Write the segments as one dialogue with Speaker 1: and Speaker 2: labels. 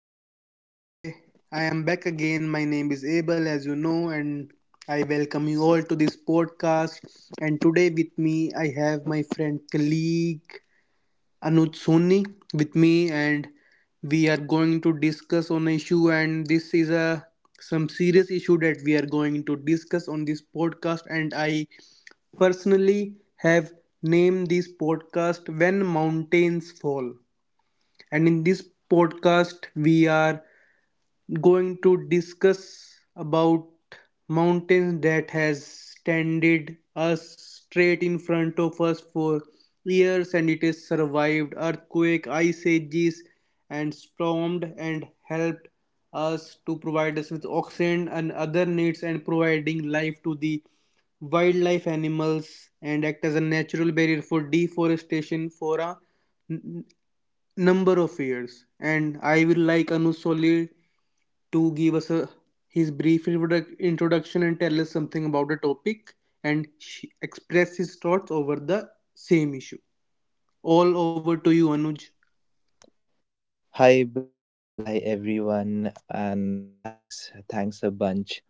Speaker 1: everyone. Today I am back again. My name is Abel, as you know, and I welcome you all to this podcast. And today with me I have my friend colleague Anuj Soni with me, and we are going to discuss on an issue. And this is a some serious issue that we are going to discuss on this podcast. And I personally have named this podcast "When Mountains Fall," and in this podcast we are going to discuss about mountains that has standed us straight in front of us for years and it has survived earthquake, ice ages, and stormed and helped us to provide us with oxygen and other needs and providing life to the wildlife animals and act as a natural barrier for deforestation for a number of years, and I will like Anuj Soli to give us his brief introduction and tell us something about the topic and express his thoughts over the same issue. All over to you, Anuj.
Speaker 2: Hi Bill, hi everyone, and thanks a bunch.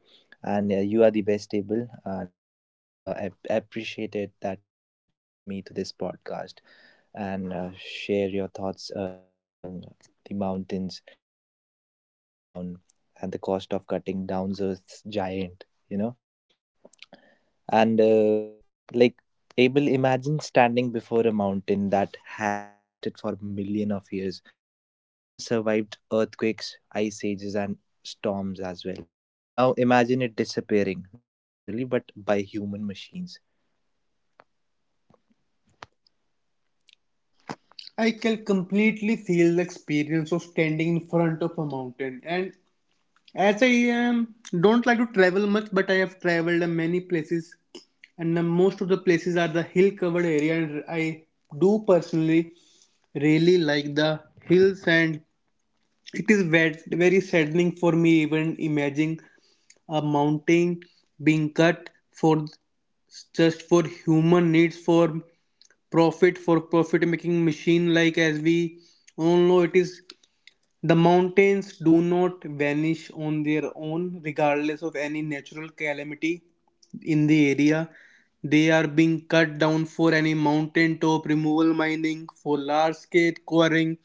Speaker 2: And you are the best able, and I appreciate it that you invited me to this podcast and share your thoughts regarding the mountains that are being cut down and the cost of cutting down those giant. And like Abel, imagine standing before a mountain that has existed for million of years, and it has survived earthquakes, ice ages, and storms as well. Now imagine it disappearing, not naturally, but by human machines.
Speaker 1: I can completely feel the experience of standing in front of a mountain. And as I don't like to travel much, but I have traveled many places, and most of the places are the hill covered area. And I do personally really like the hills, and it is very saddening for me even imagining a mountain being cut for just for human needs, for profit, for profit making machine. Like as we all know, it is the mountains do not vanish on their own, regardless of any natural calamity in the area. They are being cut down for any mountaintop removal mining, for large scale quarrying,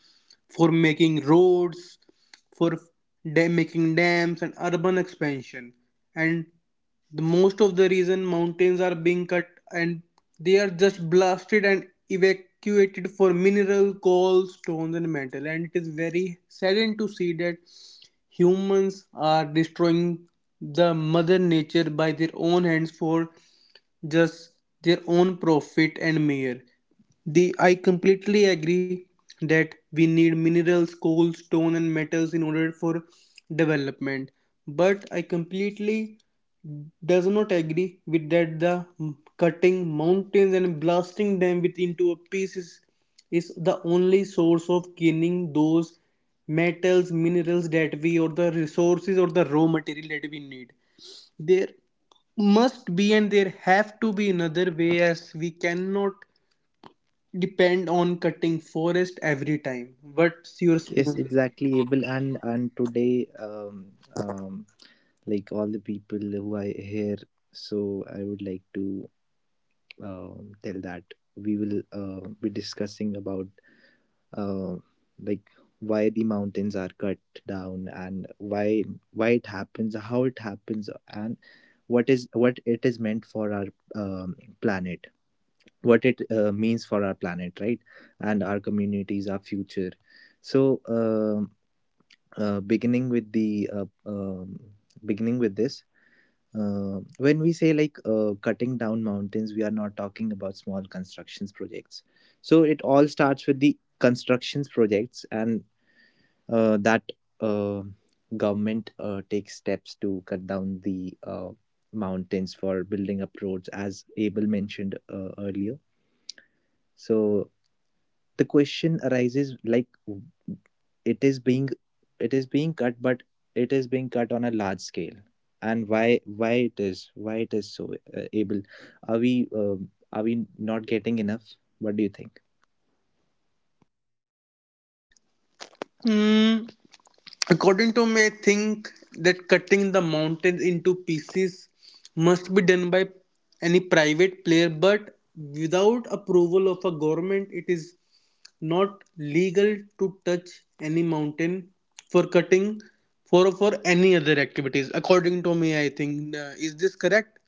Speaker 1: for making roads, for making dams and urban expansion. And the most of the reason mountains are being cut and they are just blasted and evacuated for mineral, coal, stones, and metal. And it is very saddening to see that humans are destroying the mother nature by their own hands for just their own profit and mere. The I completely agree that we need minerals, coal, stone, and metals in order for development. But I completely does not agree with that the cutting mountains and blasting them with into a pieces is the only source of gaining those metals, minerals that we, or the resources or the raw material that we need. There must be and there have to be another way as we cannot depend on cutting forest every time. What's your say on
Speaker 2: Yes,
Speaker 1: this?
Speaker 2: exactly, Abel. And today, um, like all the people who are here, so I would like to tell that we will be discussing about uh, like why the mountains are cut down, and why it happens, how it happens, and what it is meant for our um, planet, what it means for our planet, right? And our communities, our future. So, uh, beginning with the uh, um beginning with this. Uh, when we say, like, cutting down mountains, we are not talking about small constructions projects. So it all starts with the constructions projects, and that uh, government takes steps to cut down the mountains for building up roads, as Abel mentioned earlier. So the question arises, like, it is being it is being cut, but it is being cut on a large scale, and why it is so, Abel? Are we not getting enough? What do you think?
Speaker 1: Mm, according to me, I think that cutting the mountain into pieces must be done by any private player, but without approval of a government, it is not legal to touch any mountain for cutting for any other activities. According to me, I think is this correct?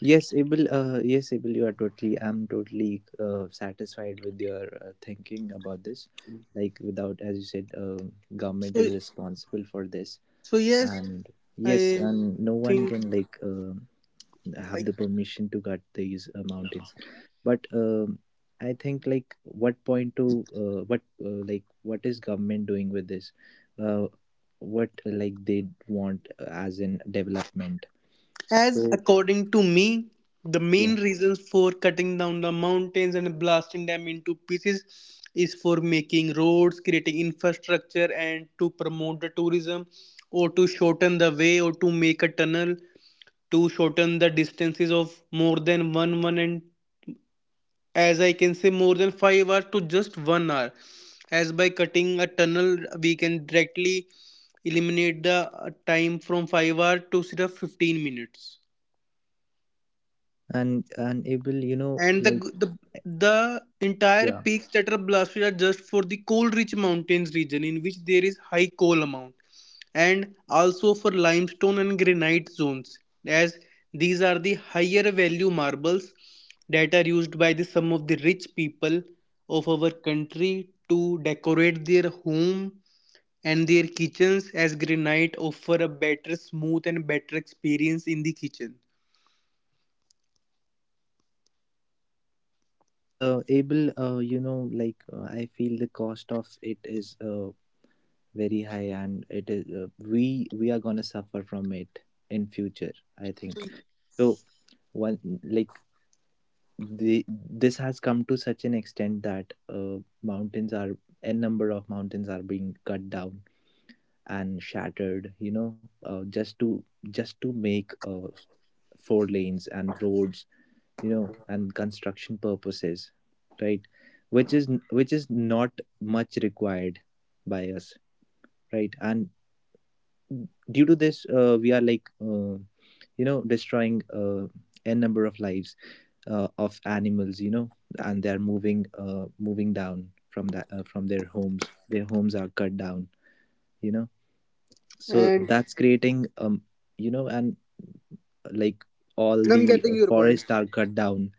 Speaker 2: Yes, Abel. Yes, Abel. You are totally. I'm totally satisfied with your thinking about this. Like, without, as you said, government
Speaker 1: So
Speaker 2: is responsible for this,
Speaker 1: so yes,
Speaker 2: and yes,
Speaker 1: I
Speaker 2: and no one
Speaker 1: think
Speaker 2: can, like,
Speaker 1: I
Speaker 2: have the permission to cut these mountains. But I think, like, what point to what like, what is government doing with this? Uh, what, like, they want, as in development?
Speaker 1: as
Speaker 2: So,
Speaker 1: according to me, the main
Speaker 2: yeah.
Speaker 1: reasons for cutting down the mountains and blasting them into pieces is for making roads, creating infrastructure, and to promote the tourism, or to shorten the way, or to make a tunnel to shorten the distances of more than one and as I can say more than 5 hours to just 1 hour. As by cutting a tunnel, we can directly eliminate the time from 5 hour to sirf 15 minutes.
Speaker 2: And Able, you know,
Speaker 1: And
Speaker 2: like,
Speaker 1: the the entire
Speaker 2: yeah,
Speaker 1: peaks that are blasted are just for the coal rich mountains region in which there is high coal amount, and also for limestone and granite zones, as these are the higher value marbles that are used by the some of the rich people of our country to decorate their home and their kitchens, as granite offer a better smooth and better experience in the kitchen.
Speaker 2: Able, I feel the cost of it is very high, and it is, we are going to suffer from it in future, I think. So, one like the this has come to such an extent that mountains are n number of mountains are being cut down and shattered, just to make four lanes and roads, and construction purposes, right. Which is not much required by us, right? And due to this, we are, like, destroying, a number of lives, of animals, you know. And they are moving, down from that from their homes. Their homes are cut down, you know. So
Speaker 1: And
Speaker 2: that's creating, and, like, all
Speaker 1: I'm
Speaker 2: the
Speaker 1: getting your point.
Speaker 2: forests are cut down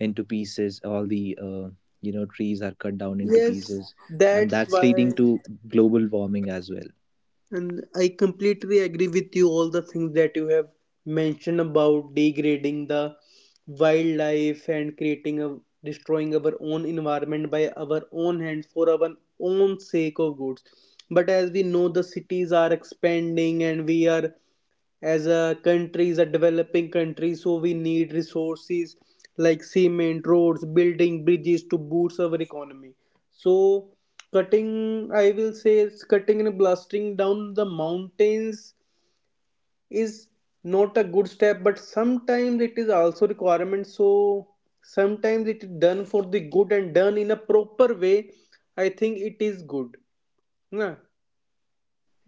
Speaker 2: into pieces, all the trees are cut down into
Speaker 1: Yes,
Speaker 2: pieces, and
Speaker 1: that's
Speaker 2: that's
Speaker 1: why,
Speaker 2: leading to global warming as well.
Speaker 1: and I completely agree with you all the things that you have mentioned about degrading the wildlife and creating a destroying our own environment by our own hands for our own sake of goods. But as we know, the cities are expanding and we are as a country is a developing country, so we need resources like cement, roads, building bridges to boost our economy. So cutting, I will say it's cutting and blasting down the mountains is not a good step, but sometimes it is also requirement. So sometimes it is done for the good and done in a proper way, I think it is good, na?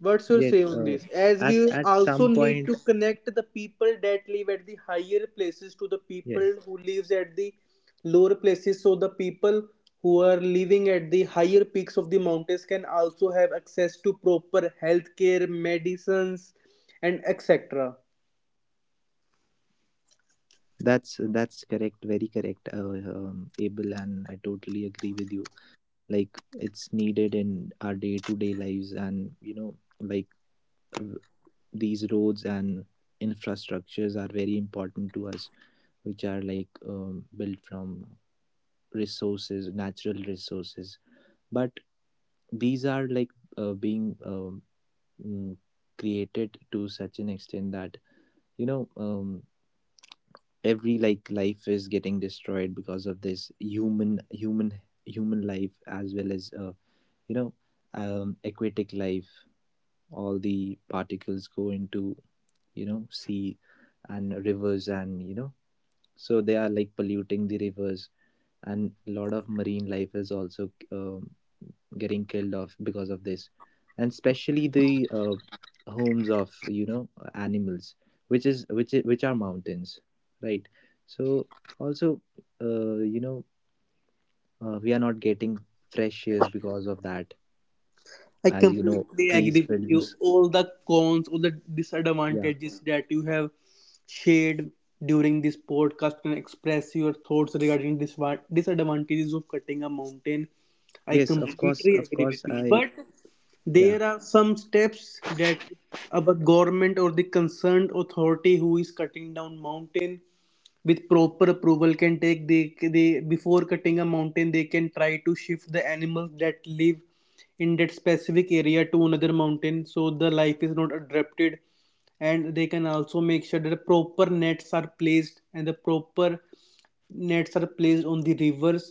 Speaker 1: What's your say
Speaker 2: Yes,
Speaker 1: on
Speaker 2: uh,
Speaker 1: this? As
Speaker 2: at
Speaker 1: we
Speaker 2: at
Speaker 1: also
Speaker 2: some
Speaker 1: need
Speaker 2: point,
Speaker 1: to connect the people that live at the higher places to the people
Speaker 2: yes,
Speaker 1: who lives at the lower places, so the people who are living at the higher peaks of the mountains can also have access to proper healthcare, medicines, and etc.
Speaker 2: that's correct, very correct, Abel, and I totally agree with you. Like, it's needed in our day to day lives, and like, uh, these roads and infrastructures are very important to us, which are, like, built from resources natural resources, but these are, like, being mm, created to such an extent that you know um, every, like, life is getting destroyed because of this human life as well as you know aquatic life. All the particles go into, sea and rivers, and so they are, like, polluting the rivers, and a lot of marine life is also getting killed off because of this. And especially the homes of, animals, which are mountains, right. So also, uh, you know we are not getting fresh airs because of that,
Speaker 1: I
Speaker 2: as you know,
Speaker 1: completely
Speaker 2: trees
Speaker 1: agree with you.
Speaker 2: produce.
Speaker 1: All the cons, all the
Speaker 2: Yeah.
Speaker 1: disadvantages that you have shared during this podcast and express your thoughts regarding this disadvantages of cutting a mountain. I
Speaker 2: Yes, of course
Speaker 1: completely
Speaker 2: of
Speaker 1: agree with
Speaker 2: course
Speaker 1: you.
Speaker 2: I
Speaker 1: But
Speaker 2: yeah,
Speaker 1: there are some steps that our government or the concerned authority who is cutting down mountain with proper approval can take. They before cutting a mountain, they can try to shift the animals that live in that specific area to another mountain so the life is not disrupted, and they can also make sure that the proper nets are placed and the proper nets are placed on the rivers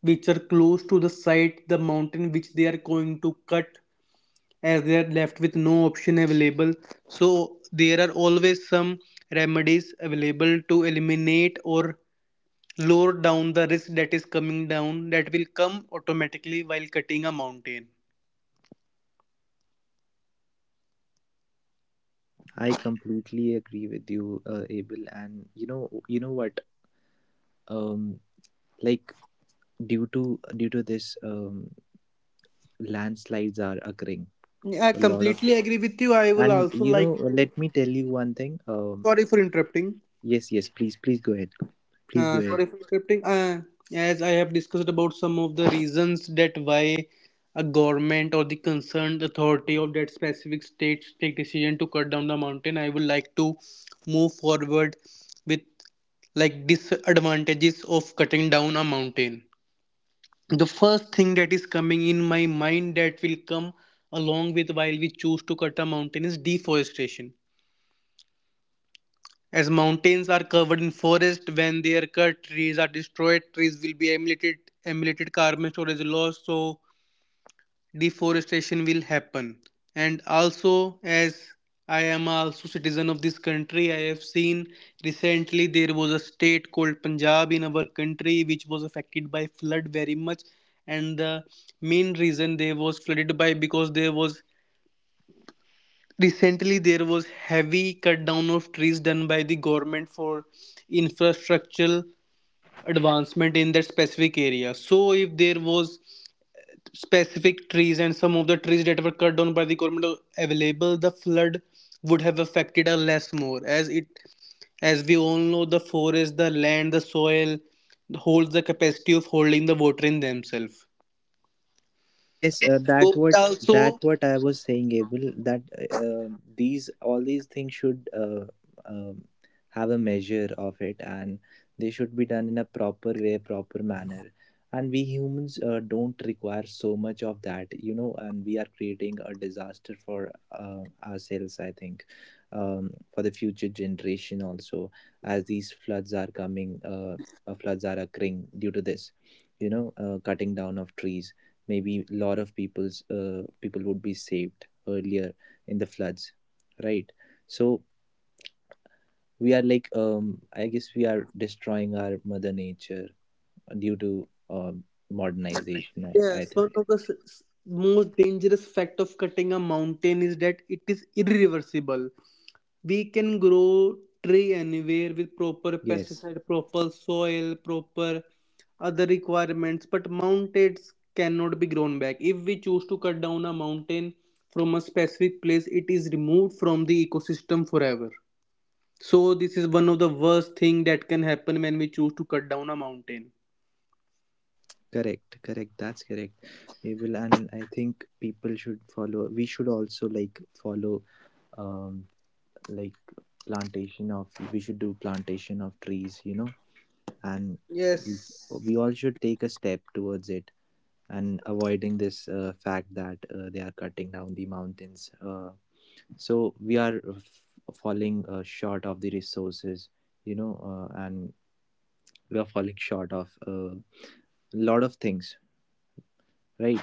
Speaker 1: which are close to the site, the mountain which they are going to cut, as they are left with no option available. So, there are always some remedies available to eliminate or lower down the risk that is coming down that will come automatically while cutting a mountain.
Speaker 2: I completely agree with you, Abel. And you know what, um like, due to this, landslides are occurring,
Speaker 1: Yeah, I
Speaker 2: a lot of
Speaker 1: completely agree with you. I will
Speaker 2: and
Speaker 1: also like to.
Speaker 2: let me tell you one thing.
Speaker 1: Sorry for interrupting.
Speaker 2: Yes, yes, please, please go ahead. Please go
Speaker 1: Uh,
Speaker 2: ahead.
Speaker 1: sorry for interrupting. As I have discussed about some of the reasons that why a government or the concerned authority of that specific state take decision to cut down the mountain, I would like to move forward with like disadvantages of cutting down a mountain. The first thing that is coming in my mind that will come along with while we choose to cut a mountain is deforestation. As mountains are covered in forest, when they are cut, trees are destroyed, trees will be emulated carbon storage loss, so deforestation will happen. And also, as I am also citizen of this country, I have seen recently there was a state called Punjab in our country which was affected by flood very much, and the main reason they was flooded by because there was recently there was heavy cut down of trees done by the government for infrastructural advancement in that specific area. So if there was specific trees and some of the trees that were cut down by the government are available, the flood would have affected us less more, as it as we all know the forest, the land, the soil holds the capacity of holding the water in themselves.
Speaker 2: Yes,
Speaker 1: So it
Speaker 2: that
Speaker 1: also,
Speaker 2: what I was saying, Abel. That these all these things should um have a measure of it, and they should be done in a proper way, proper manner. And we humans don't require so much of that. And we are creating a disaster for ourselves. I think, for the future generation also, as these floods are coming, floods are occurring due to this, cutting down of trees. Maybe a lot of people would be saved earlier in the floods, right? So, we are, like, I guess we are destroying our mother nature due to modernization, I
Speaker 1: yes, one
Speaker 2: think.
Speaker 1: of the most dangerous fact of cutting a mountain is that it is irreversible. We can grow tree anywhere with proper
Speaker 2: Yes,
Speaker 1: pesticide, proper soil, proper other requirements, but mountains cannot be grown back. If we choose to cut down a mountain from a specific place, it is removed from the ecosystem forever. So this is one of the worst thing that can happen when we choose to cut down a mountain.
Speaker 2: correct, correct, that's correct. We will, and I think people should follow, we should also like follow um like, plantation of we should do plantation of trees, and we,
Speaker 1: Yes.
Speaker 2: we all should take a step towards it, and avoiding this fact that they are cutting down the mountains. So we are falling short of the resources, you know, and we are falling short of a lot of things, right?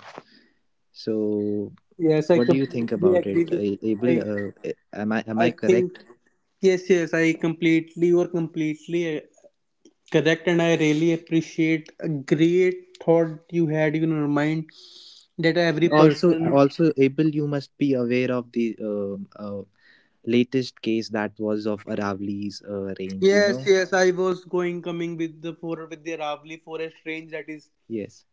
Speaker 2: So,
Speaker 1: Yes, I
Speaker 2: what do you think
Speaker 1: completely
Speaker 2: about it,
Speaker 1: agree with
Speaker 2: Abel?
Speaker 1: I
Speaker 2: Am I am
Speaker 1: I
Speaker 2: I
Speaker 1: think
Speaker 2: correct?
Speaker 1: yes, yes, I completely you are completely correct, and I really appreciate a great thought you had in your mind that every
Speaker 2: And also,
Speaker 1: person.
Speaker 2: Abel, you must be aware of the latest case that was of Aravali's uh, range, you
Speaker 1: Yes,
Speaker 2: know.
Speaker 1: yes, I was going coming with the for with the Ravli Forest range that is
Speaker 2: Yes.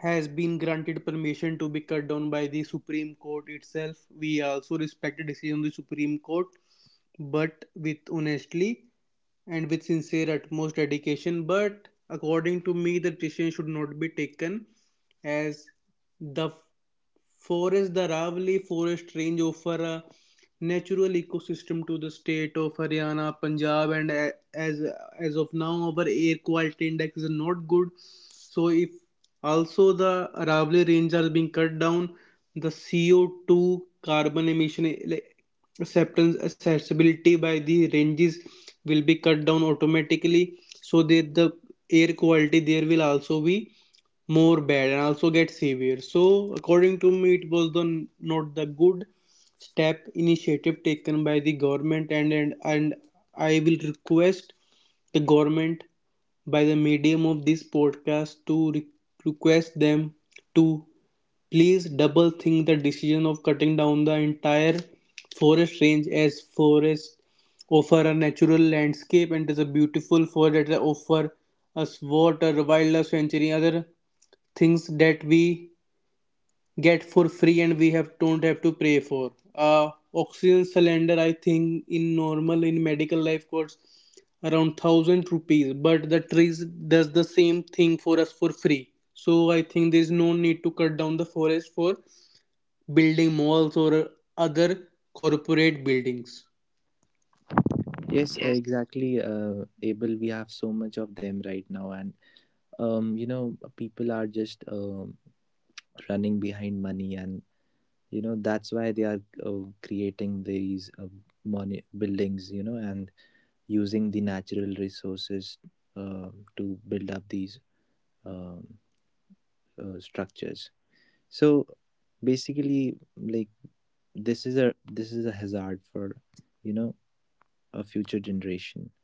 Speaker 1: has been granted permission to be cut down by the Supreme Court itself. We also respect the decision of the Supreme Court, but with honestly and with sincere utmost dedication, but according to me the decision should not be taken as the forest, the Ravli forest range offer a natural ecosystem to the state of Haryana, Punjab, and as as of now, our air quality index is not good. So if also the Ravli range are being cut down, the CO2 carbon emission acceptance accessibility by the ranges will be cut down automatically so that the air quality there will also be more bad and also get severe. So, according to me, it was the not the good step initiative taken by the government, and and I will request the government by the medium of this podcast to request them to please double think the decision of cutting down the entire forest range, as forest offer a natural landscape and is a beautiful forest that offer us water, wildlife sanctuary, other things that we get for free and we have don't have to pay for. Oxygen cylinder I think in normal in medical life costs around 1,000 rupees, but the trees does the same thing for us for free. So I think there is no need to cut down the forest for building malls or other corporate buildings.
Speaker 2: Yes, exactly. Abel, we have so much of them right now, and people are just running behind money, and that's why they are creating these money buildings, and using the natural resources uh, to build up these um structures. So basically, like, this is a hazard for, you know a future generation.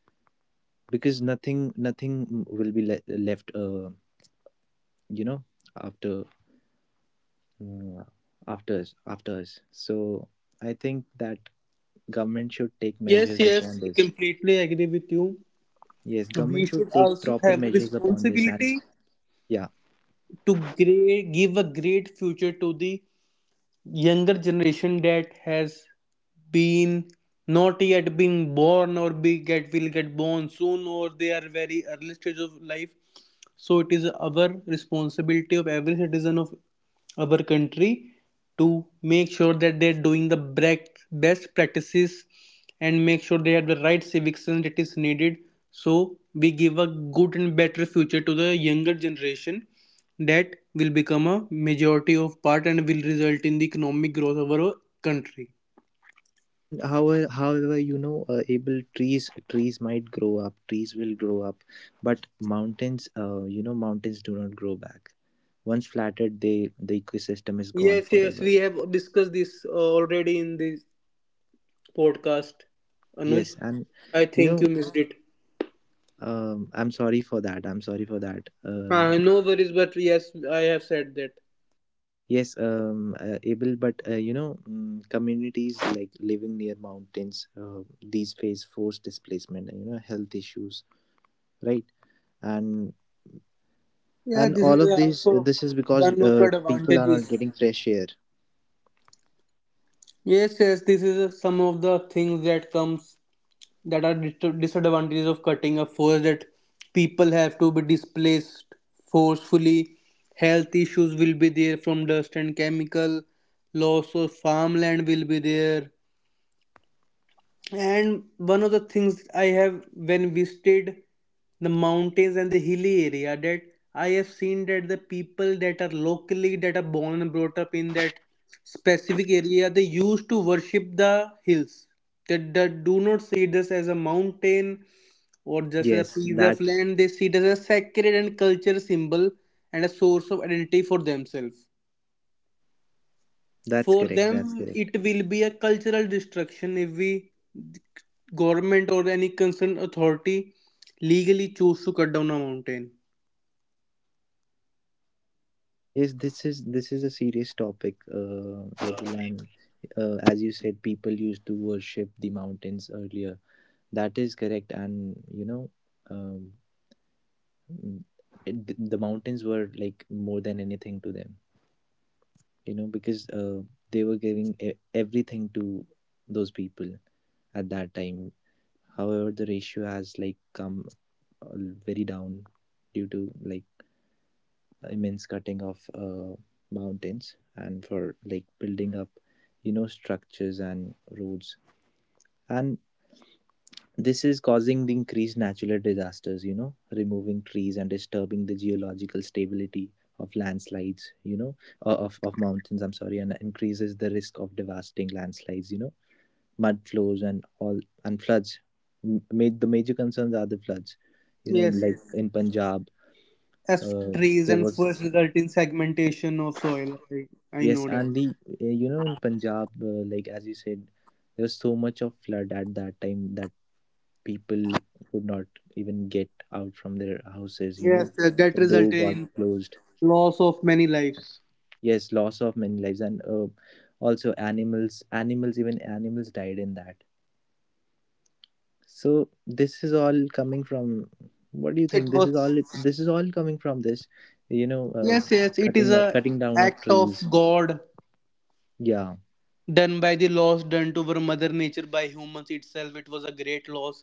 Speaker 2: Because nothing will be left, you know after uh, after us. So, I think that government should take
Speaker 1: Yes,
Speaker 2: measures
Speaker 1: yes,
Speaker 2: upon
Speaker 1: I
Speaker 2: this.
Speaker 1: completely agree with you.
Speaker 2: Yes,
Speaker 1: We
Speaker 2: government should
Speaker 1: should
Speaker 2: take
Speaker 1: also
Speaker 2: proper
Speaker 1: have a
Speaker 2: measures upon this, and
Speaker 1: responsibility
Speaker 2: yeah.
Speaker 1: to give a great future to the younger generation that has been not yet being born or be get will get born soon or they are very early stage of life, so it is our responsibility of every citizen of our country to make sure that they are doing the best practices and make sure they have the right civic sense that is needed, so we give a good and better future to the younger generation that will become a majority of part and will result in the economic growth of our country.
Speaker 2: And however, Able, trees will grow up, but mountains you know mountains do not grow back. Once flattened, the ecosystem is gone
Speaker 1: Yes, yes, we
Speaker 2: forever.
Speaker 1: have discussed this already in this podcast, Anuj.
Speaker 2: Yes, and
Speaker 1: I
Speaker 2: you
Speaker 1: think you
Speaker 2: know
Speaker 1: missed it.
Speaker 2: I'm sorry for that I'm sorry for that
Speaker 1: No worries, but yes, I have said that.
Speaker 2: Yes, Able, but communities, like, living near mountains, these face forced displacement and health issues, right. and
Speaker 1: Yeah,
Speaker 2: and
Speaker 1: this is
Speaker 2: all of these
Speaker 1: also
Speaker 2: this is because
Speaker 1: one of the
Speaker 2: people are
Speaker 1: advantages.
Speaker 2: not getting fresh air.
Speaker 1: Yes, yes, this is some of the things that are disadvantages of cutting a forest, that people have to be displaced forcefully. Health issues will be there from dust and chemical. Loss of farmland will be there. And one of the things I have when visited the mountains and the hilly area, that I have seen, that the people that are locally that are born and brought up in that specific area, they used to worship the hills. That they do not see this as a mountain or just as a
Speaker 2: Yes,
Speaker 1: piece of land. They see it as a sacred and cultural symbol and a source of identity for themselves.
Speaker 2: that's
Speaker 1: For
Speaker 2: correct, that's
Speaker 1: them
Speaker 2: correct.
Speaker 1: it will be a cultural destruction if we, government or any concerned authority, legally choose to cut down a mountain.
Speaker 2: Yes, this is a serious topic, Abel, and as you said, people used to worship the mountains earlier. That is correct, and um, mm, the mountains were, like, more than anything to them. Because they were giving everything to those people at that time. However, the ratio has, like, come uh, very down due to, like, immense cutting of mountains and for, like, building up, structures and roads. And this is causing the increased natural disasters, removing trees and disturbing the geological stability of landslides, of mountains, I'm sorry, and increases the risk of devastating landslides, mud flows and all, and floods. The major concerns are the floods, you know,
Speaker 1: Yes,
Speaker 2: like
Speaker 1: yes.
Speaker 2: in Punjab.
Speaker 1: As
Speaker 2: uh,
Speaker 1: trees
Speaker 2: there
Speaker 1: and first
Speaker 2: was,
Speaker 1: result in segmentation of soil, I
Speaker 2: yes,
Speaker 1: know that.
Speaker 2: and in Punjab, like as you said, there was so much of flood at that time that people could not even get out from their houses you
Speaker 1: Yes,
Speaker 2: know
Speaker 1: that
Speaker 2: The door
Speaker 1: resulted
Speaker 2: got
Speaker 1: in
Speaker 2: closed.
Speaker 1: loss of many lives.
Speaker 2: Yes, loss of many lives, and also animals, even animals died in that. So this is all coming from, what do you
Speaker 1: It
Speaker 2: think this is
Speaker 1: was.
Speaker 2: all, this is all coming from this you know uh,
Speaker 1: Yes, yes, it is
Speaker 2: cutting or
Speaker 1: a
Speaker 2: cutting down of
Speaker 1: act of
Speaker 2: trees.
Speaker 1: god
Speaker 2: Yeah.
Speaker 1: done by the loss done to our mother nature by humans itself. It was a great loss,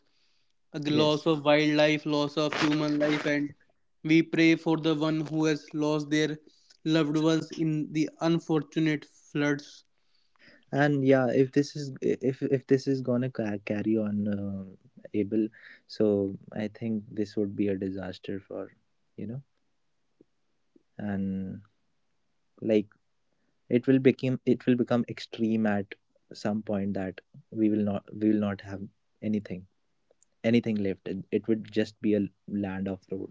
Speaker 1: a
Speaker 2: Yes,
Speaker 1: loss of wildlife, loss of human life, and we pray for the one who has lost their loved ones in the unfortunate floods.
Speaker 2: and yeah, if this is, if this is gonna carry on, able, so I think this would be a disaster for, you know, and like, it will become extreme at some point, that we will not have anything, anything left. It would just be a land of road.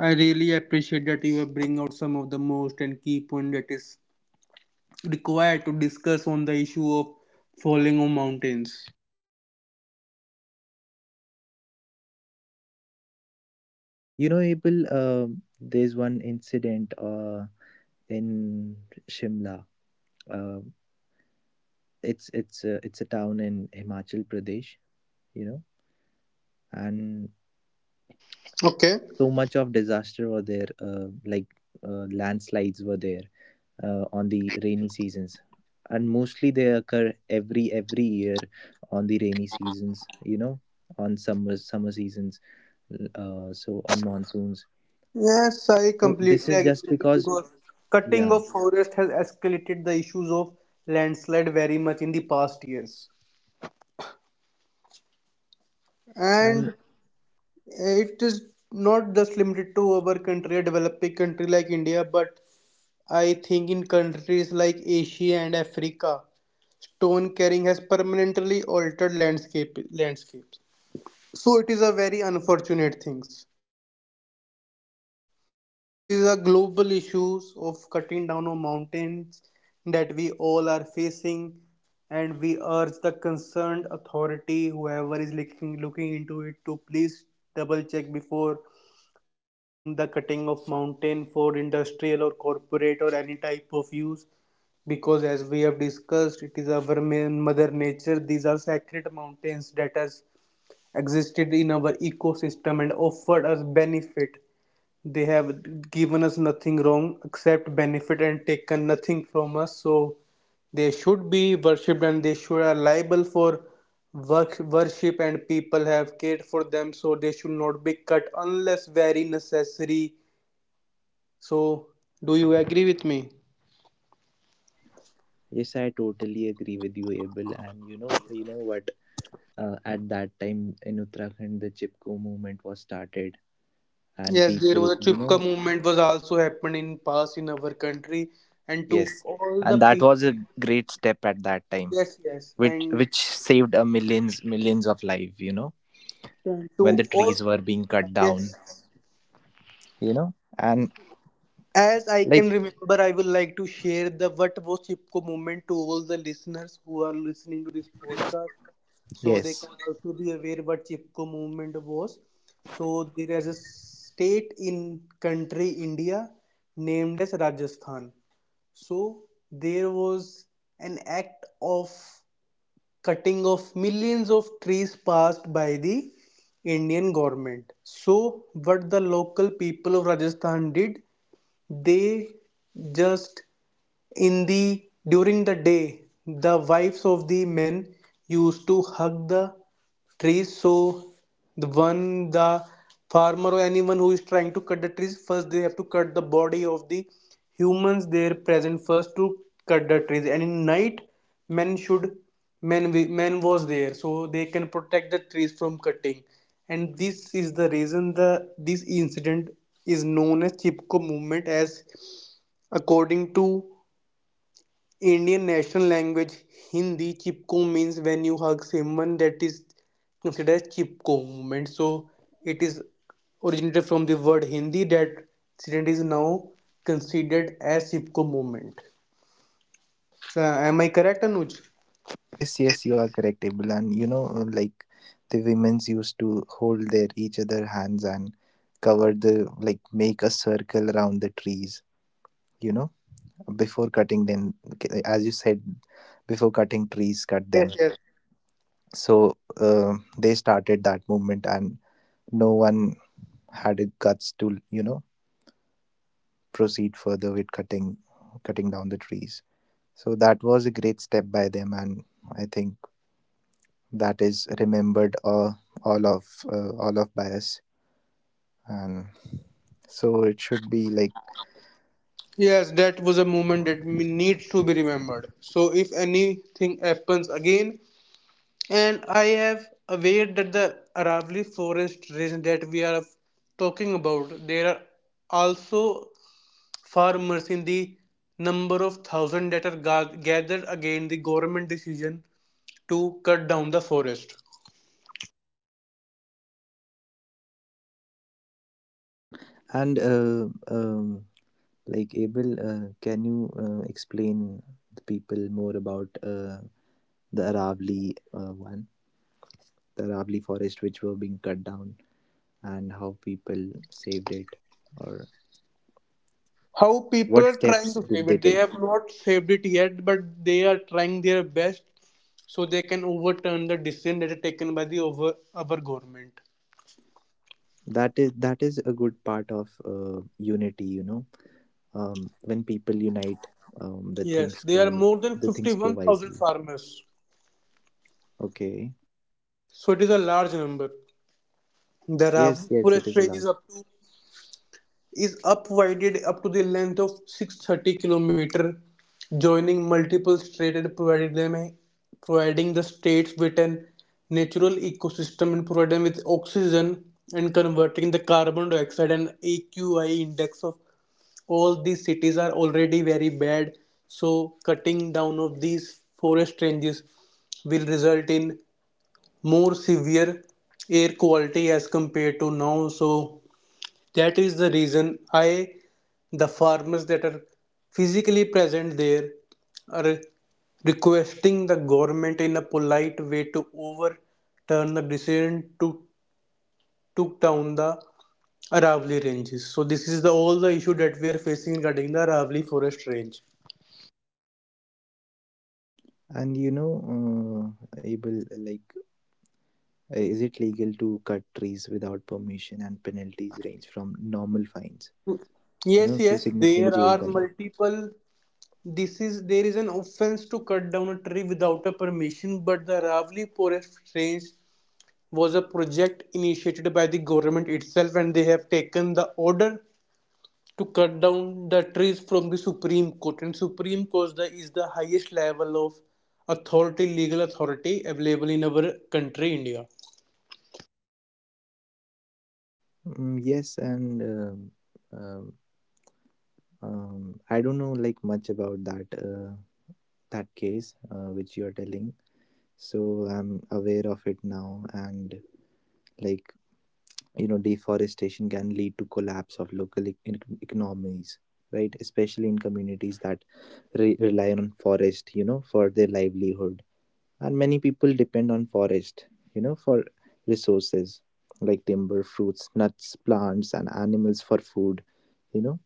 Speaker 1: I really appreciate that you have bring out some of the most and key point that is required to discuss on the issue of falling on mountains.
Speaker 2: You know, Abel, there's one incident in Shimla, uh, it's a town in Himachal Pradesh, you know. And
Speaker 1: Okay.
Speaker 2: so much of disaster were there, like, landslides were there, on the rainy seasons, and mostly they occur every year, on the rainy seasons, you know, on summer seasons, so on monsoons.
Speaker 1: Yes, I
Speaker 2: So this
Speaker 1: completely
Speaker 2: is
Speaker 1: agree
Speaker 2: just
Speaker 1: with you
Speaker 2: because,
Speaker 1: because cutting
Speaker 2: yeah.
Speaker 1: of forest has escalated the issues of landslide very much in the past years.
Speaker 2: And
Speaker 1: And it is not just limited to our country, a developing country like India, but I think in countries like Asia and Africa, stone carrying has permanently altered landscapes. So it is a very unfortunate things, so this is a global issues of cutting down on mountains that we all are facing, and we urge the concerned authority, whoever is looking into it, to please double check before allowing the cutting of mountain for industrial or corporate or any type of use, because as we have discussed, it is our main mother nature. These are sacred mountains that has existed in our ecosystem and offered us benefit. They have given us nothing wrong except benefit and taken nothing from us. So they should be worshipped and they should are liable for worship, and people have cared for them. So they should not be cut unless very necessary. So, do you agree with me?
Speaker 2: yes, I totally agree with you, Abel. And you know, you know what, at that time in Uttarakhand, the Chipko movement was started, and
Speaker 1: Yes, there
Speaker 2: people,
Speaker 1: was a
Speaker 2: you know.
Speaker 1: chupka movement was also happened in past in our country, and to
Speaker 2: Yes.
Speaker 1: all the
Speaker 2: And that was
Speaker 1: people,
Speaker 2: a great step at that time,
Speaker 1: yes, yes,
Speaker 2: which
Speaker 1: and
Speaker 2: which saved a millions, millions of life, you know,
Speaker 1: to
Speaker 2: when the
Speaker 1: all,
Speaker 2: trees were being cut
Speaker 1: yes.
Speaker 2: down, you know? And
Speaker 1: As I
Speaker 2: like,
Speaker 1: can remember, I would like to share the what was Chipko moment to all the listeners who are listening to this podcast, so they
Speaker 2: yes,
Speaker 1: can also be aware what Chipko movement was. So there is a state in country India named as Rajasthan. So there was an act of cutting of millions of trees passed by the Indian government. So what the local people of Rajasthan did, they just in the during the day, the wives of the men used to hug the trees. So the farmer or anyone who is trying to cut the trees first, they have to cut the body of the humans there present first to cut the trees. And in night, men should men wi- men was there so they can protect the trees from cutting. And this is the reason the this incident is known as Chipko movement, as according to Indian national language Hindi, chipko means when you hug someone, that is considered chipko movement. So it is originated from the word Hindi, that incident is now considered as chipko movement. So, am I correct, Anuj?
Speaker 2: yes, yes, you are correct, Abel. And you know, like, the women's used to hold their each other hands and cover the, like, make a circle around the trees, you know, before cutting them. As you said, before cutting trees, cut
Speaker 1: Yes,
Speaker 2: them.
Speaker 1: yes.
Speaker 2: So they started that movement, and no one had the guts to, you know, proceed further with cutting, cutting down the trees. So that was a great step by them, and I think that is remembered, all of all of by us. And so it should be like.
Speaker 1: Yes, that was a moment that needs to be remembered. So, if anything happens again, and I have aware that the Aravali forest region that we are talking about, there are also farmers in the number of thousand that are gathered against the government decision to cut down the forest.
Speaker 2: And um, like, Abel, can you explain the people more about the Aravali, one, the Aravali forest which were being cut down, and how people saved it, or
Speaker 1: How people
Speaker 2: what
Speaker 1: are trying
Speaker 2: steps
Speaker 1: to
Speaker 2: did
Speaker 1: save
Speaker 2: they
Speaker 1: it. They
Speaker 2: take?
Speaker 1: have not saved it yet, but they are trying their best so they can overturn the decision that are taken by the over our government.
Speaker 2: That is, that is a good part of unity, you know. When people unite, um, the
Speaker 1: Yes,
Speaker 2: things
Speaker 1: there are
Speaker 2: go
Speaker 1: more than
Speaker 2: the things go
Speaker 1: 51,000
Speaker 2: wisely.
Speaker 1: farmers.
Speaker 2: Okay.
Speaker 1: So it is a large number. There are
Speaker 2: Yes, yes, it
Speaker 1: forest
Speaker 2: is
Speaker 1: ranges
Speaker 2: large.
Speaker 1: up to is upwided up to the length of 630 km, joining multiple states and providing the states with an natural ecosystem and providing them with oxygen and converting the carbon dioxide, and AQI index of all these cities are already very bad. So cutting down of these forest ranges will result in more severe air quality as compared to now. So that is the reason the farmers that are physically present there are requesting the government in a polite way to overturn the decision to took down the Aravali ranges. So this is the all the issue that we are facing regarding the Aravali forest range.
Speaker 2: And you know, able, like, is it legal to cut trees without permission, and penalties range from normal fines, you
Speaker 1: Yes,
Speaker 2: know, to
Speaker 1: yes,
Speaker 2: significant
Speaker 1: there
Speaker 2: jail
Speaker 1: are
Speaker 2: time.
Speaker 1: multiple. This is There is an offense to cut down a tree without a permission, but the Ravli forest range was a project initiated by the government itself, and they have taken the order to cut down the trees from the supreme court, and supreme court is the highest level of authority, legal authority available in our country India.
Speaker 2: Mm, yes. And um, I don't know like much about that, that case which you are telling, so I'm aware of it now. And like, you know, deforestation can lead to collapse of local economies, right, especially in communities that rely on forest, you know, for their livelihood. And many people depend on forest, you know, for resources like timber, fruits, nuts, plants, and animals for food, you know.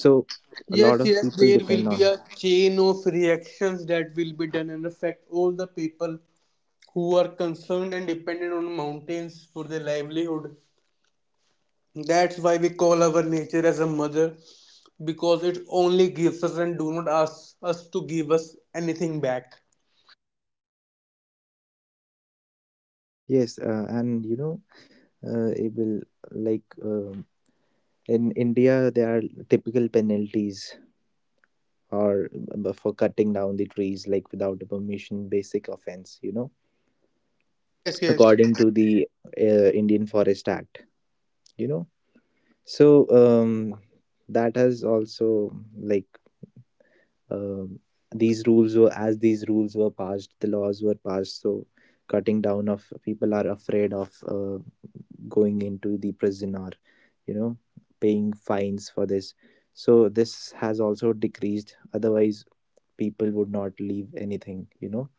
Speaker 2: So a
Speaker 1: Yes,
Speaker 2: lot of
Speaker 1: yes,
Speaker 2: people
Speaker 1: there will
Speaker 2: depend
Speaker 1: be
Speaker 2: on.
Speaker 1: a chain of reactions that will be done and affect all the people who are concerned and dependent on mountains for their livelihood. That's why we call our nature as a mother, because it only gives us and do not ask us to give us anything back.
Speaker 2: Yes. And you know, it will, like, in India, there are typical penalties or for cutting down the trees, like, without a permission, basic offense, you know,
Speaker 1: Yes, yes.
Speaker 2: according to the Indian Forest Act, you know. So that has also, like, um these rules were, as these rules were passed, the laws were passed, so cutting down of, people are afraid of going into the prison or, you know, paying fines for this. So this has also decreased, otherwise people would not leave anything, you know,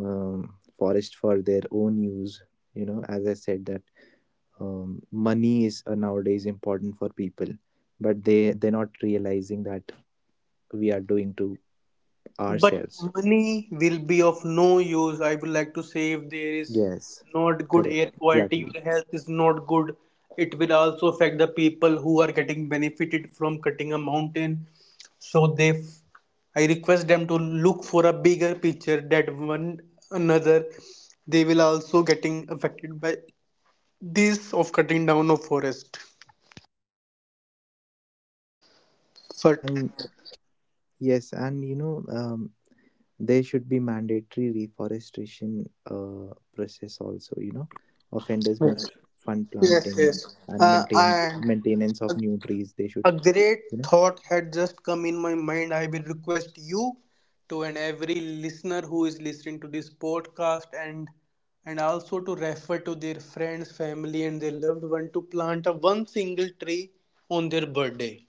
Speaker 2: forest for their own use, you know, as I said that, money is, nowadays, important for people, but they're not realizing that we are doing to
Speaker 1: But
Speaker 2: ourselves.
Speaker 1: money will be of no use. I would like to say, if there is
Speaker 2: Yes,
Speaker 1: not good
Speaker 2: correct,
Speaker 1: air quality,
Speaker 2: exactly.
Speaker 1: your health is not good. It will also affect the people who are getting benefited from cutting a mountain. So they, I request them to look for a bigger picture, that one another, they will also getting affected by this of cutting down of forest. But
Speaker 2: And yes, and you know, there should be mandatory reforestation, process also, you know. Offenders
Speaker 1: yes,
Speaker 2: must fund
Speaker 1: yes,
Speaker 2: planting,
Speaker 1: yes.
Speaker 2: and
Speaker 1: Uh,
Speaker 2: maintains
Speaker 1: and
Speaker 2: maintenance of new trees, they should,
Speaker 1: a great
Speaker 2: you know.
Speaker 1: thought had just come in my mind. I will request you to, and every listener who is listening to this podcast, and also to refer to their friends, family, and their loved one, to plant a one single tree on their birthday.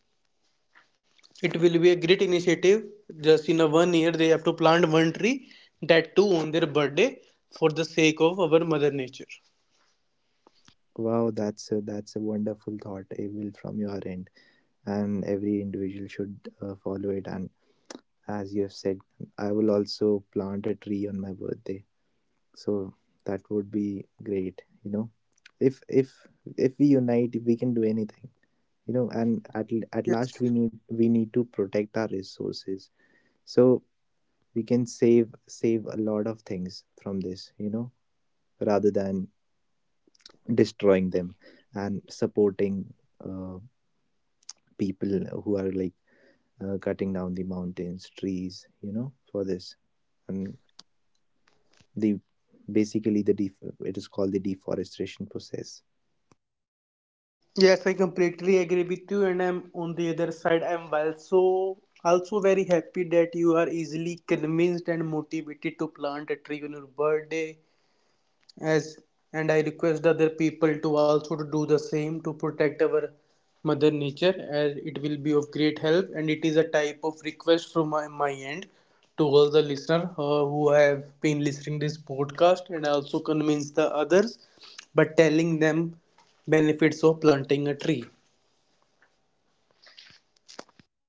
Speaker 1: It will be a great initiative. Just in a one year, they have to plant one tree, that too on their birthday, for the sake of our mother nature.
Speaker 2: Wow, that's a wonderful thought, will from your end, and every individual should follow it. And as you have said, I will also plant a tree on my birthday, so that would be great. You know, if if we unite, we can do anything. You know, and at at last,
Speaker 1: Yes.
Speaker 2: we need to protect our resources, so we can save a lot of things from this. You know, rather than destroying them and supporting. Uh, People who are like, cutting down the mountains, trees, you know, for this. And the basically the it is called the deforestation process.
Speaker 1: Yes, I completely agree with you, and I'm on the other side. I'm also very happy that you are easily convinced and motivated to plant a tree on your birthday. As and I request other people to also to do the same to protect our mother nature, as it will be of great help, and it is a type of request from my end to all the listener who have been listening this podcast and also convince the others by telling them benefits of planting a tree.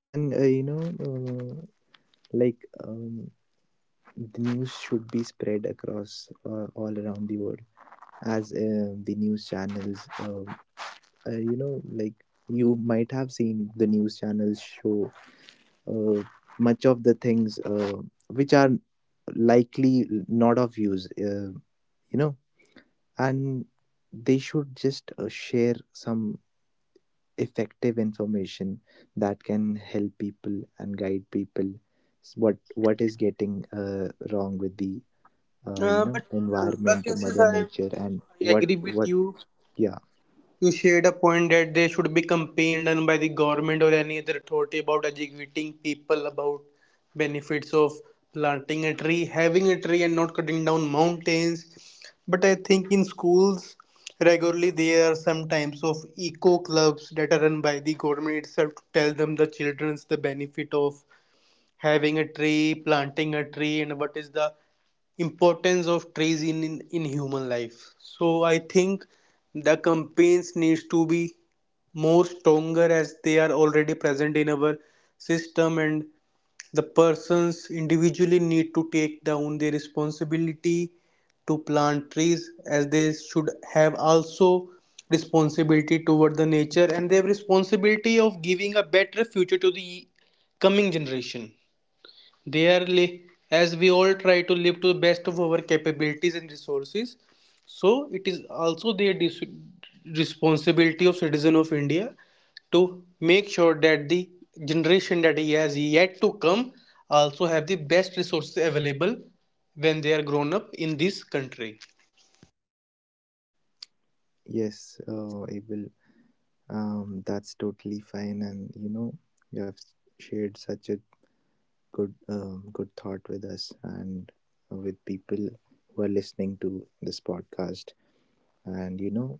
Speaker 2: And you know, uh, like, um, the news should be spread across, all around the world, as the news channels, you know, like, you might have seen the news channels show, uh, much of the things, which are likely not of use, you know. And they should just share some effective information that can help people and guide people, what is getting wrong with the, you
Speaker 1: Uh,
Speaker 2: know,
Speaker 1: but but
Speaker 2: environment,
Speaker 1: yes, yes,
Speaker 2: mother
Speaker 1: I,
Speaker 2: nature, and
Speaker 1: I
Speaker 2: what,
Speaker 1: agree with
Speaker 2: what.
Speaker 1: you.
Speaker 2: Yeah.
Speaker 1: You shared a point that there should be campaign done by the government or any other authority about educating people about benefits of planting a tree, having a tree and not cutting down mountains. But I think in schools regularly there are some types of eco clubs that are run by the government itself to tell them the children's the benefit of having a tree, planting a tree, and what is the importance of trees in human life. So I think the campaigns needs to be more stronger as they are already present in our system, and the persons individually need to take down their responsibility to plant trees, as they should have also responsibility toward the nature, and they have responsibility of giving a better future to the coming generation. Dearly, as we all try to live to the best of our capabilities and resources, so it is also the responsibility of citizen of India to make sure that the generation that he has yet to come also have the best resources available when they are grown up in this country.
Speaker 2: Yes, Abel, that's totally fine. And you know, you have shared such a good thought with us, and with people who are listening to this podcast. And you know,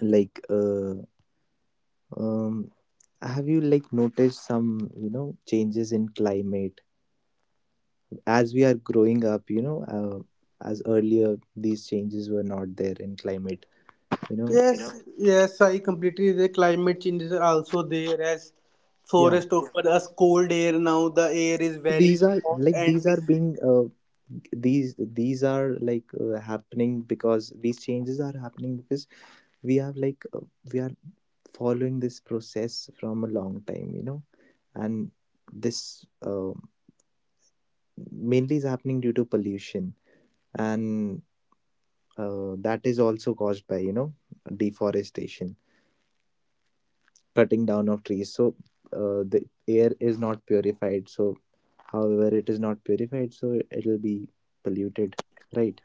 Speaker 2: like, um, have you like noticed some, you know, changes in climate as we are growing up, you know, as earlier these changes were not there in climate, you know.
Speaker 1: Yes, yeah. Yes, I completely the climate change is also there as
Speaker 2: Yeah,
Speaker 1: forest offer us cold air, now the air is
Speaker 2: so
Speaker 1: very
Speaker 2: these are
Speaker 1: hot
Speaker 2: like,
Speaker 1: and this
Speaker 2: these are like, happening, because these changes are happening because we have like, we are following this process from a long time, you know. And this, mainly is happening due to pollution, and that is also caused by, you know, deforestation, cutting down of trees. So the air is not purified, so however it is not purified, so it'll be polluted, right.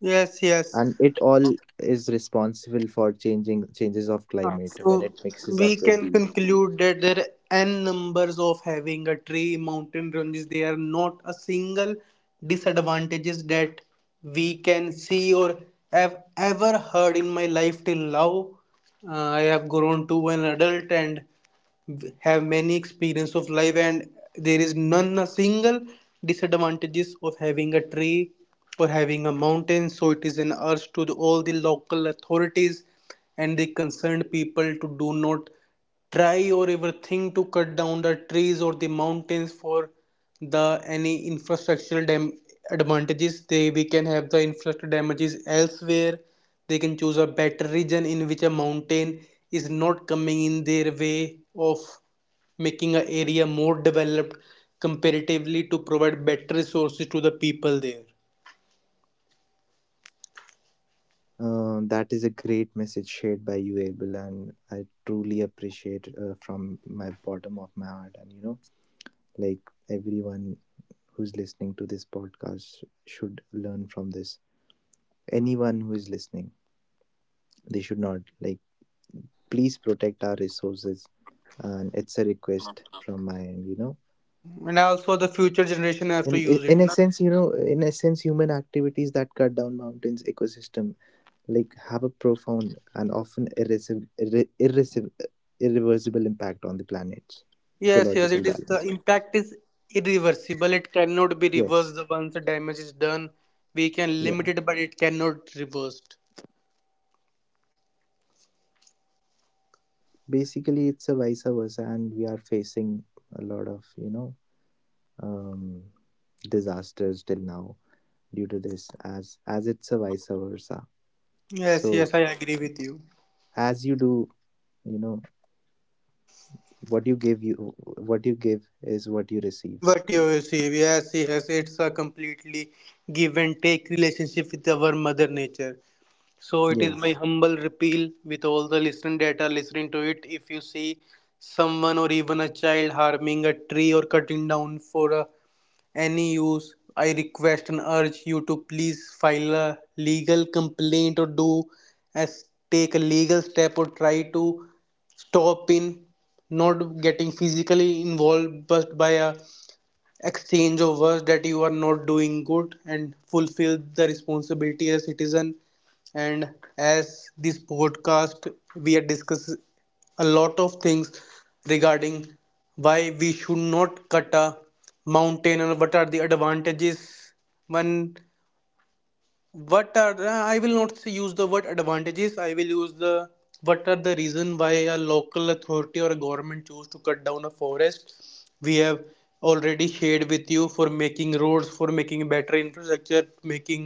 Speaker 1: yes, yes.
Speaker 2: And it all is responsible for changing changes of
Speaker 1: Ah,
Speaker 2: climate when it
Speaker 1: so
Speaker 2: mixes
Speaker 1: we
Speaker 2: up with
Speaker 1: can
Speaker 2: the.
Speaker 1: conclude that there are n numbers of having a tree, mountain ranges. There are not a single disadvantages that we can see or have ever heard in my life till now. I have grown to an adult and have many experience of life, and there is none a single disadvantages of having a tree or having a mountain. So it is an urge to the, all the local authorities and the concerned people to do not try or ever think to cut down the trees or the mountains for the any infrastructural advantages. They we can have the infrastructure damages elsewhere. They can choose a better region in which a mountain is not coming in their way of making a area more developed comparatively to provide better resources to the people there.
Speaker 2: That is a great message shared by you, Abel, and I truly appreciate, from my bottom of my heart. And you know, like, everyone who's listening to this podcast should learn from this. Anyone who is listening, they should not, like, please protect our resources, and it's a request from my end, you know.
Speaker 1: And also the future generation have
Speaker 2: and
Speaker 1: to
Speaker 2: i-
Speaker 1: use it,
Speaker 2: in a
Speaker 1: na?
Speaker 2: sense, you know, in a sense, human activities that cut down mountains ecosystem, like, have a profound and often irreversible impact on the planet's
Speaker 1: Yes, yes,
Speaker 2: ecological
Speaker 1: it is. The
Speaker 2: balance.
Speaker 1: impact is irreversible. It cannot be
Speaker 2: Yes.
Speaker 1: reversed. The once the damage is done. We can limit
Speaker 2: Yeah,
Speaker 1: it, but it cannot reversed.
Speaker 2: basically it's a vice versa, and we are facing a lot of, you know, um, disasters till now due to this, as it's a vice versa.
Speaker 1: Yes,
Speaker 2: So
Speaker 1: yes, I agree with you.
Speaker 2: as you do, you know, what you give you what you give is what you receive.
Speaker 1: What you see, yes, yes, it's a completely give and take relationship with our mother nature. So it is my
Speaker 2: Yes.
Speaker 1: humble appeal with all the listening data listening to it. If you see someone or even a child harming a tree or cutting down for a any use, I request and urge you to please file a legal complaint or do as take a legal step or try to stop in not getting physically involved just by a exchange of words that you are not doing good, and fulfill the responsibility as citizen. And as this podcast we are discussing a lot of things regarding why we should not cut a mountain, and what are the advantages one, what are the, I will not use the word advantages, I will use the what are the reason why a local authority or a government choose to cut down a forest. We have already shared with you, for making roads, for making better infrastructure, making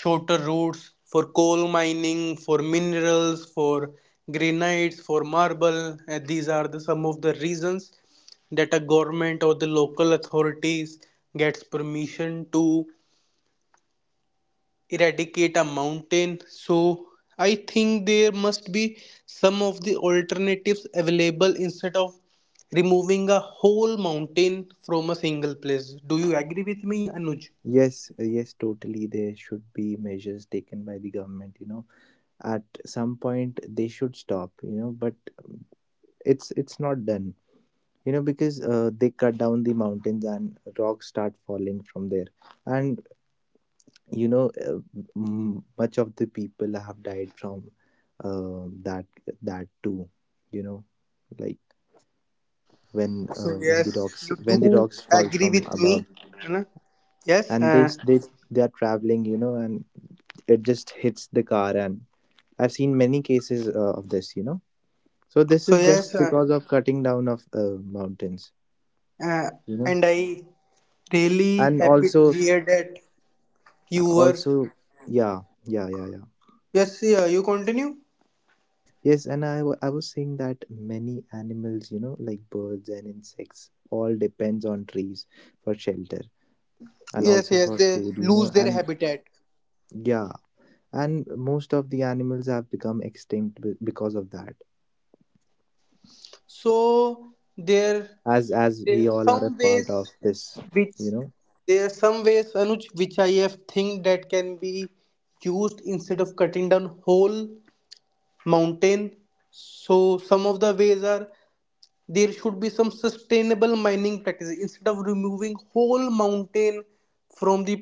Speaker 1: shorter routes, for coal mining, for minerals, for granites, for marble, and these are the some of the reasons that a government or the local authorities gets permission to eradicate a mountain. So I think there must be some of the alternatives available instead of removing a whole mountain from a single place. Do you agree with me, Anuj?
Speaker 2: Yes, yes, totally, there should be measures taken by the government, you know. At some point they should stop, you know, but it's not done, you know, because they cut down the mountains and rocks start falling from there. And you know, much of the people have died from, that, that too, you know, like, when
Speaker 1: So
Speaker 2: when
Speaker 1: yes,
Speaker 2: the rocks,
Speaker 1: you do
Speaker 2: when the rocks fall
Speaker 1: agree
Speaker 2: from
Speaker 1: with me,
Speaker 2: above,
Speaker 1: है ना? Yes.
Speaker 2: and they
Speaker 1: Uh,
Speaker 2: they are traveling, you know, and it just hits the car. And I've seen many cases, of this, you know. So this
Speaker 1: so
Speaker 2: is
Speaker 1: yes,
Speaker 2: just because of cutting down of, mountains,
Speaker 1: uh,
Speaker 2: you know.
Speaker 1: and I really
Speaker 2: And
Speaker 1: happy to
Speaker 2: also,
Speaker 1: hear that you were.
Speaker 2: also, yeah, yeah, yeah, yeah.
Speaker 1: Yes, yeah, you continue.
Speaker 2: Yes, and I was saying that many animals, you know, like birds and insects, all depends on trees for shelter, and
Speaker 1: Yes,
Speaker 2: also
Speaker 1: yes,
Speaker 2: for
Speaker 1: they
Speaker 2: food, you know,
Speaker 1: lose their
Speaker 2: and
Speaker 1: habitat.
Speaker 2: yeah, and most of the animals have become extinct because of that.
Speaker 1: So there
Speaker 2: As
Speaker 1: there
Speaker 2: we
Speaker 1: are
Speaker 2: all are
Speaker 1: some
Speaker 2: a part
Speaker 1: ways
Speaker 2: of this,
Speaker 1: which
Speaker 2: you know,
Speaker 1: there are some ways, Anuj, which I have think that can be used instead of cutting down whole mountain. So some of the ways are there should be some sustainable mining practices instead of removing whole mountain from the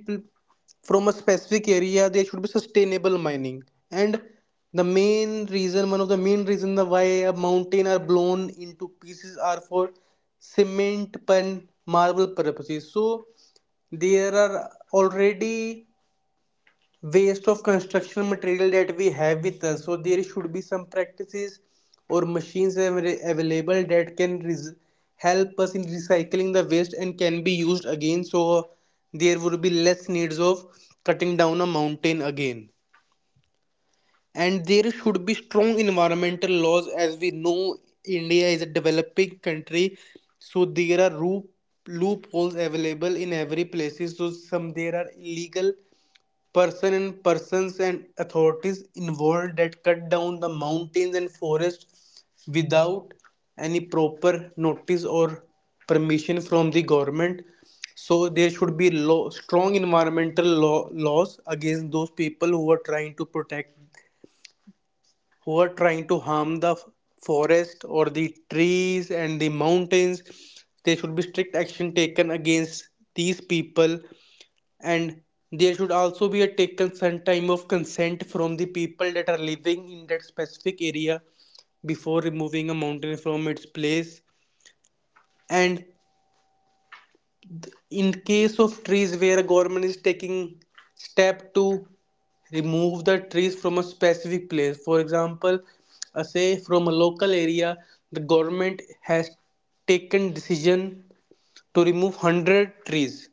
Speaker 1: from a specific area. There should be sustainable mining. And the main reason, one of the main reason the why a mountain are blown into pieces are for cement and marble purposes. So there are already waste of construction material that we have with us, so there should be some practices or machines available that can help us in recycling the waste and can be used again. So there would be less needs of cutting down a mountain again. And there should be strong environmental laws. As we know, India is a developing country, so there are loopholes available in every places. So some there are illegal person and persons and authorities involved that cut down the mountains and forests without any proper notice or permission from the government. So there should be law, strong environmental law, laws against those people who are trying to protect, who are trying to harm the forest or the trees and the mountains. There should be strict action taken against these people. And there should also be a taken some time of consent from the people that are living in that specific area before removing a mountain from its place. And in case of trees where a government is taking step to remove the trees from a specific place, for example, say from a local area the government has taken decision to remove 100 trees.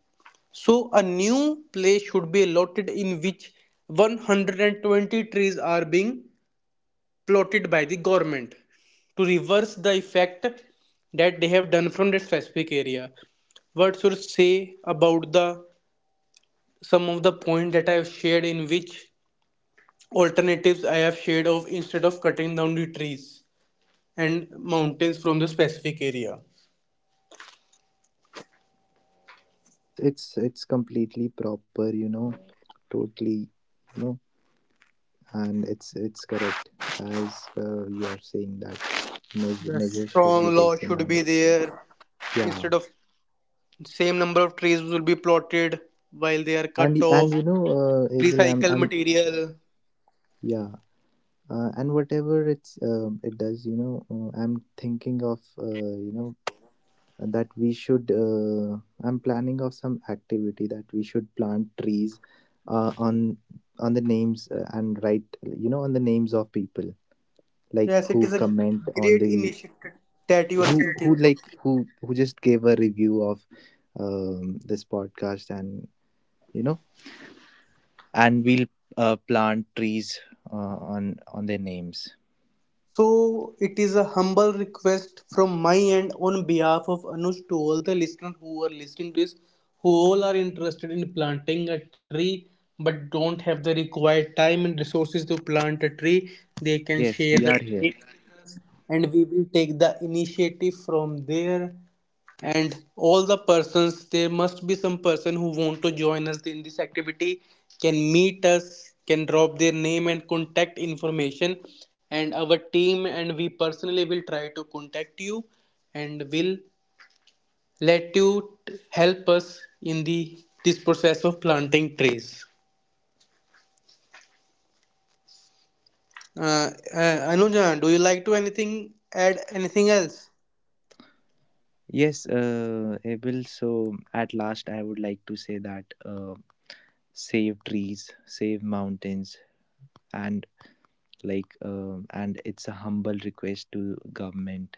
Speaker 1: So, a new place should be allotted in which 120 trees are being plotted by the government to reverse the effect that they have done from that specific area. What should I say about the some of the points that I have shared in which alternatives I have shared of instead of cutting down the trees and mountains from the specific area.
Speaker 2: it's it's completely proper, you know, totally, you know, and it's correct, as you are saying that
Speaker 1: The
Speaker 2: measures should be
Speaker 1: strong law
Speaker 2: taken
Speaker 1: should
Speaker 2: on.
Speaker 1: be there
Speaker 2: Yeah.
Speaker 1: instead of same number of trees will be plotted while they are
Speaker 2: and
Speaker 1: cut
Speaker 2: and you
Speaker 1: off.
Speaker 2: know, Abel, I'm,
Speaker 1: Recycle material.
Speaker 2: yeah, and whatever it's, it does, you know, I'm thinking of, you know, that we should, I'm planning of some activity that we should plant trees, uh, on on the names, and write, you know, on the names of people, like,
Speaker 1: Yes, it
Speaker 2: who
Speaker 1: is a
Speaker 2: comment on
Speaker 1: great
Speaker 2: the,
Speaker 1: initiative that you are
Speaker 2: who,
Speaker 1: thinking of.
Speaker 2: who just gave a review of, this podcast. And you know, and we'll, plant trees, on their names.
Speaker 1: So it is a humble request from my end on behalf of Anush to all the listeners who are listening to this, who all are interested in planting a tree but don't have the required time and resources to plant a tree. They can
Speaker 2: Yes,
Speaker 1: share the
Speaker 2: we are
Speaker 1: tree,
Speaker 2: here.
Speaker 1: and we will take the initiative from there, and all the persons there must be some person who want to join us in this activity can meet us, can drop their name and contact information, and our team and we personally will try to contact you and will let you help us in the this process of planting trees. uh, Anuja, do you like to anything add anything else,
Speaker 2: Yes, Abel. So at last, I would like to say that, save trees, save mountains, and like, and it's a humble request to government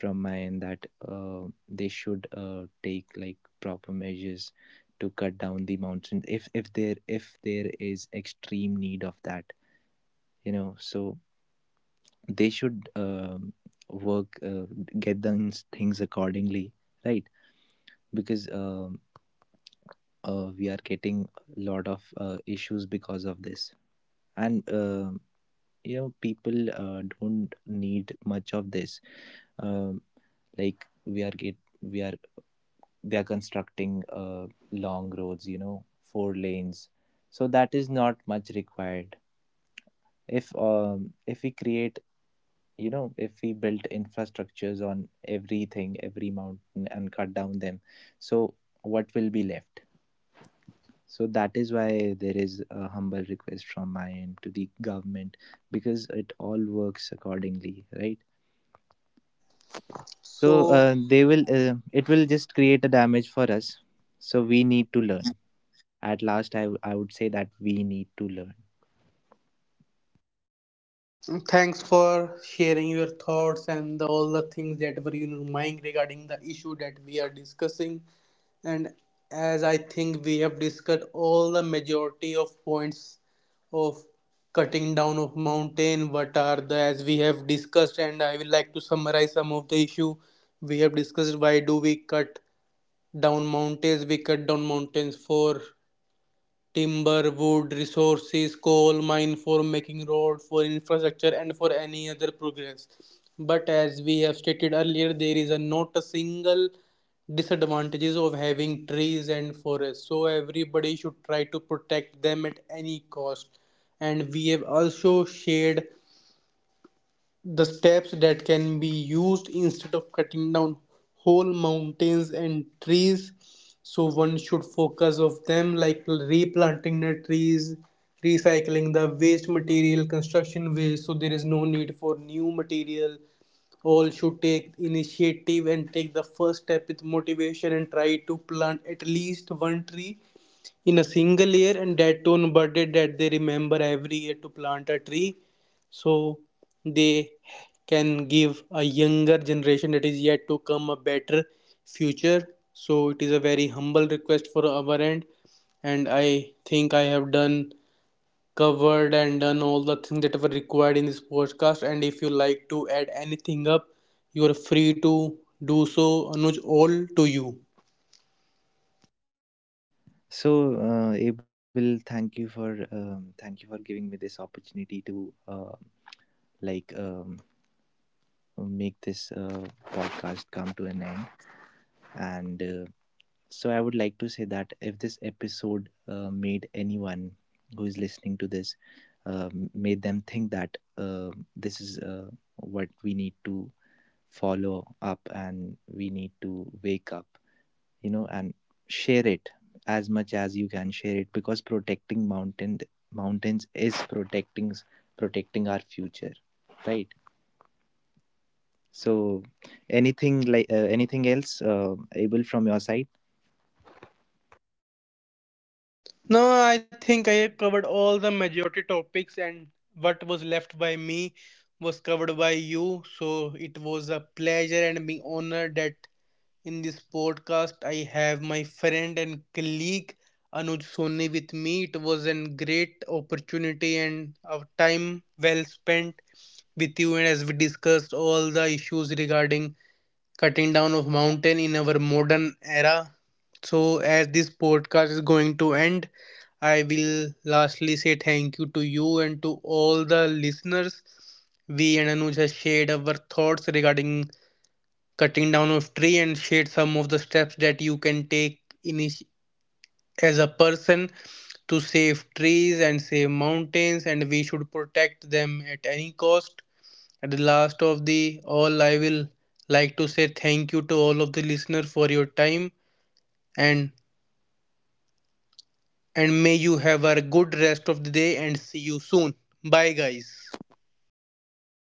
Speaker 2: from my end, that, they should, take like proper measures to cut down the mountains, if there, if there is extreme need of that, you know. So they should, work, get done things accordingly, right. Because we are getting a lot of, issues because of this. And you know, people, don't need much of this, um, like, we are, they are constructing, long roads, you know, four lanes. So that is not much required. If if we create, you know, if we built infrastructures on everything, every mountain, and cut down them, so what will be left? So that is why there is a humble request from my end to the government, because it all works accordingly, right. So
Speaker 1: so
Speaker 2: they will it will just create a damage for us. So we need to learn. At last, I would say that we need to learn.
Speaker 1: thanks for sharing your thoughts and the, all the things that were in your mind regarding the issue that we are discussing. And as I think we have discussed all the majority of points of cutting down of mountain, what are the as we have discussed, and I will like to summarize some of the issue we have discussed. Why do we cut down mountains? We cut down mountains for timber, wood, resources, coal mine, for making road, for infrastructure, and for any other progress. But as we have stated earlier, there is a not a single disadvantages of having trees and forests. So everybody should try to protect them at any cost. And we have also shared the steps that can be used instead of cutting down whole mountains and trees. So one should focus of them like replanting the trees, recycling the waste material, construction waste. So there is no need for new material. All should take initiative and take the first step with motivation and try to plant at least one tree in a single year, and that tone birthday that they remember every year to plant a tree, so they can give a younger generation that is yet to come a better future. So it is a very humble request for our end, and I think I have done covered and done all the things that were required in this podcast, and if you like to add anything up, you are free to do so. Anuj, all to you.
Speaker 2: So Abel, thank you for, thank you for giving me this opportunity to, like, make this, podcast come to an end. And So I would like to say that if this episode, made anyone who is listening to this, made them think that, this is, what we need to follow up, and we need to wake up, you know, and share it as much as you can share it, because protecting mountains is protecting, our future, right. So, anything, like, anything else, Abel, from your side?
Speaker 1: No, I think I have covered all the majority topics, and what was left by me was covered by you. So it was a pleasure and being honored that in this podcast I have my friend and colleague Anuj Soni with me. It was a great opportunity and a time well spent with you, and as we discussed all the issues regarding cutting down of mountain in our modern era. So as this podcast is going to end, I will lastly say thank you to you and to all the listeners. We and Anuj has shared our thoughts regarding cutting down of tree and shared some of the steps that you can take in as a person to save trees and save mountains, and we should protect them at any cost. At the last of the all, I will like to say thank you to all of the listeners for your time, and may you have a good rest of the day and see you soon. Bye guys.
Speaker 2: Bye bye.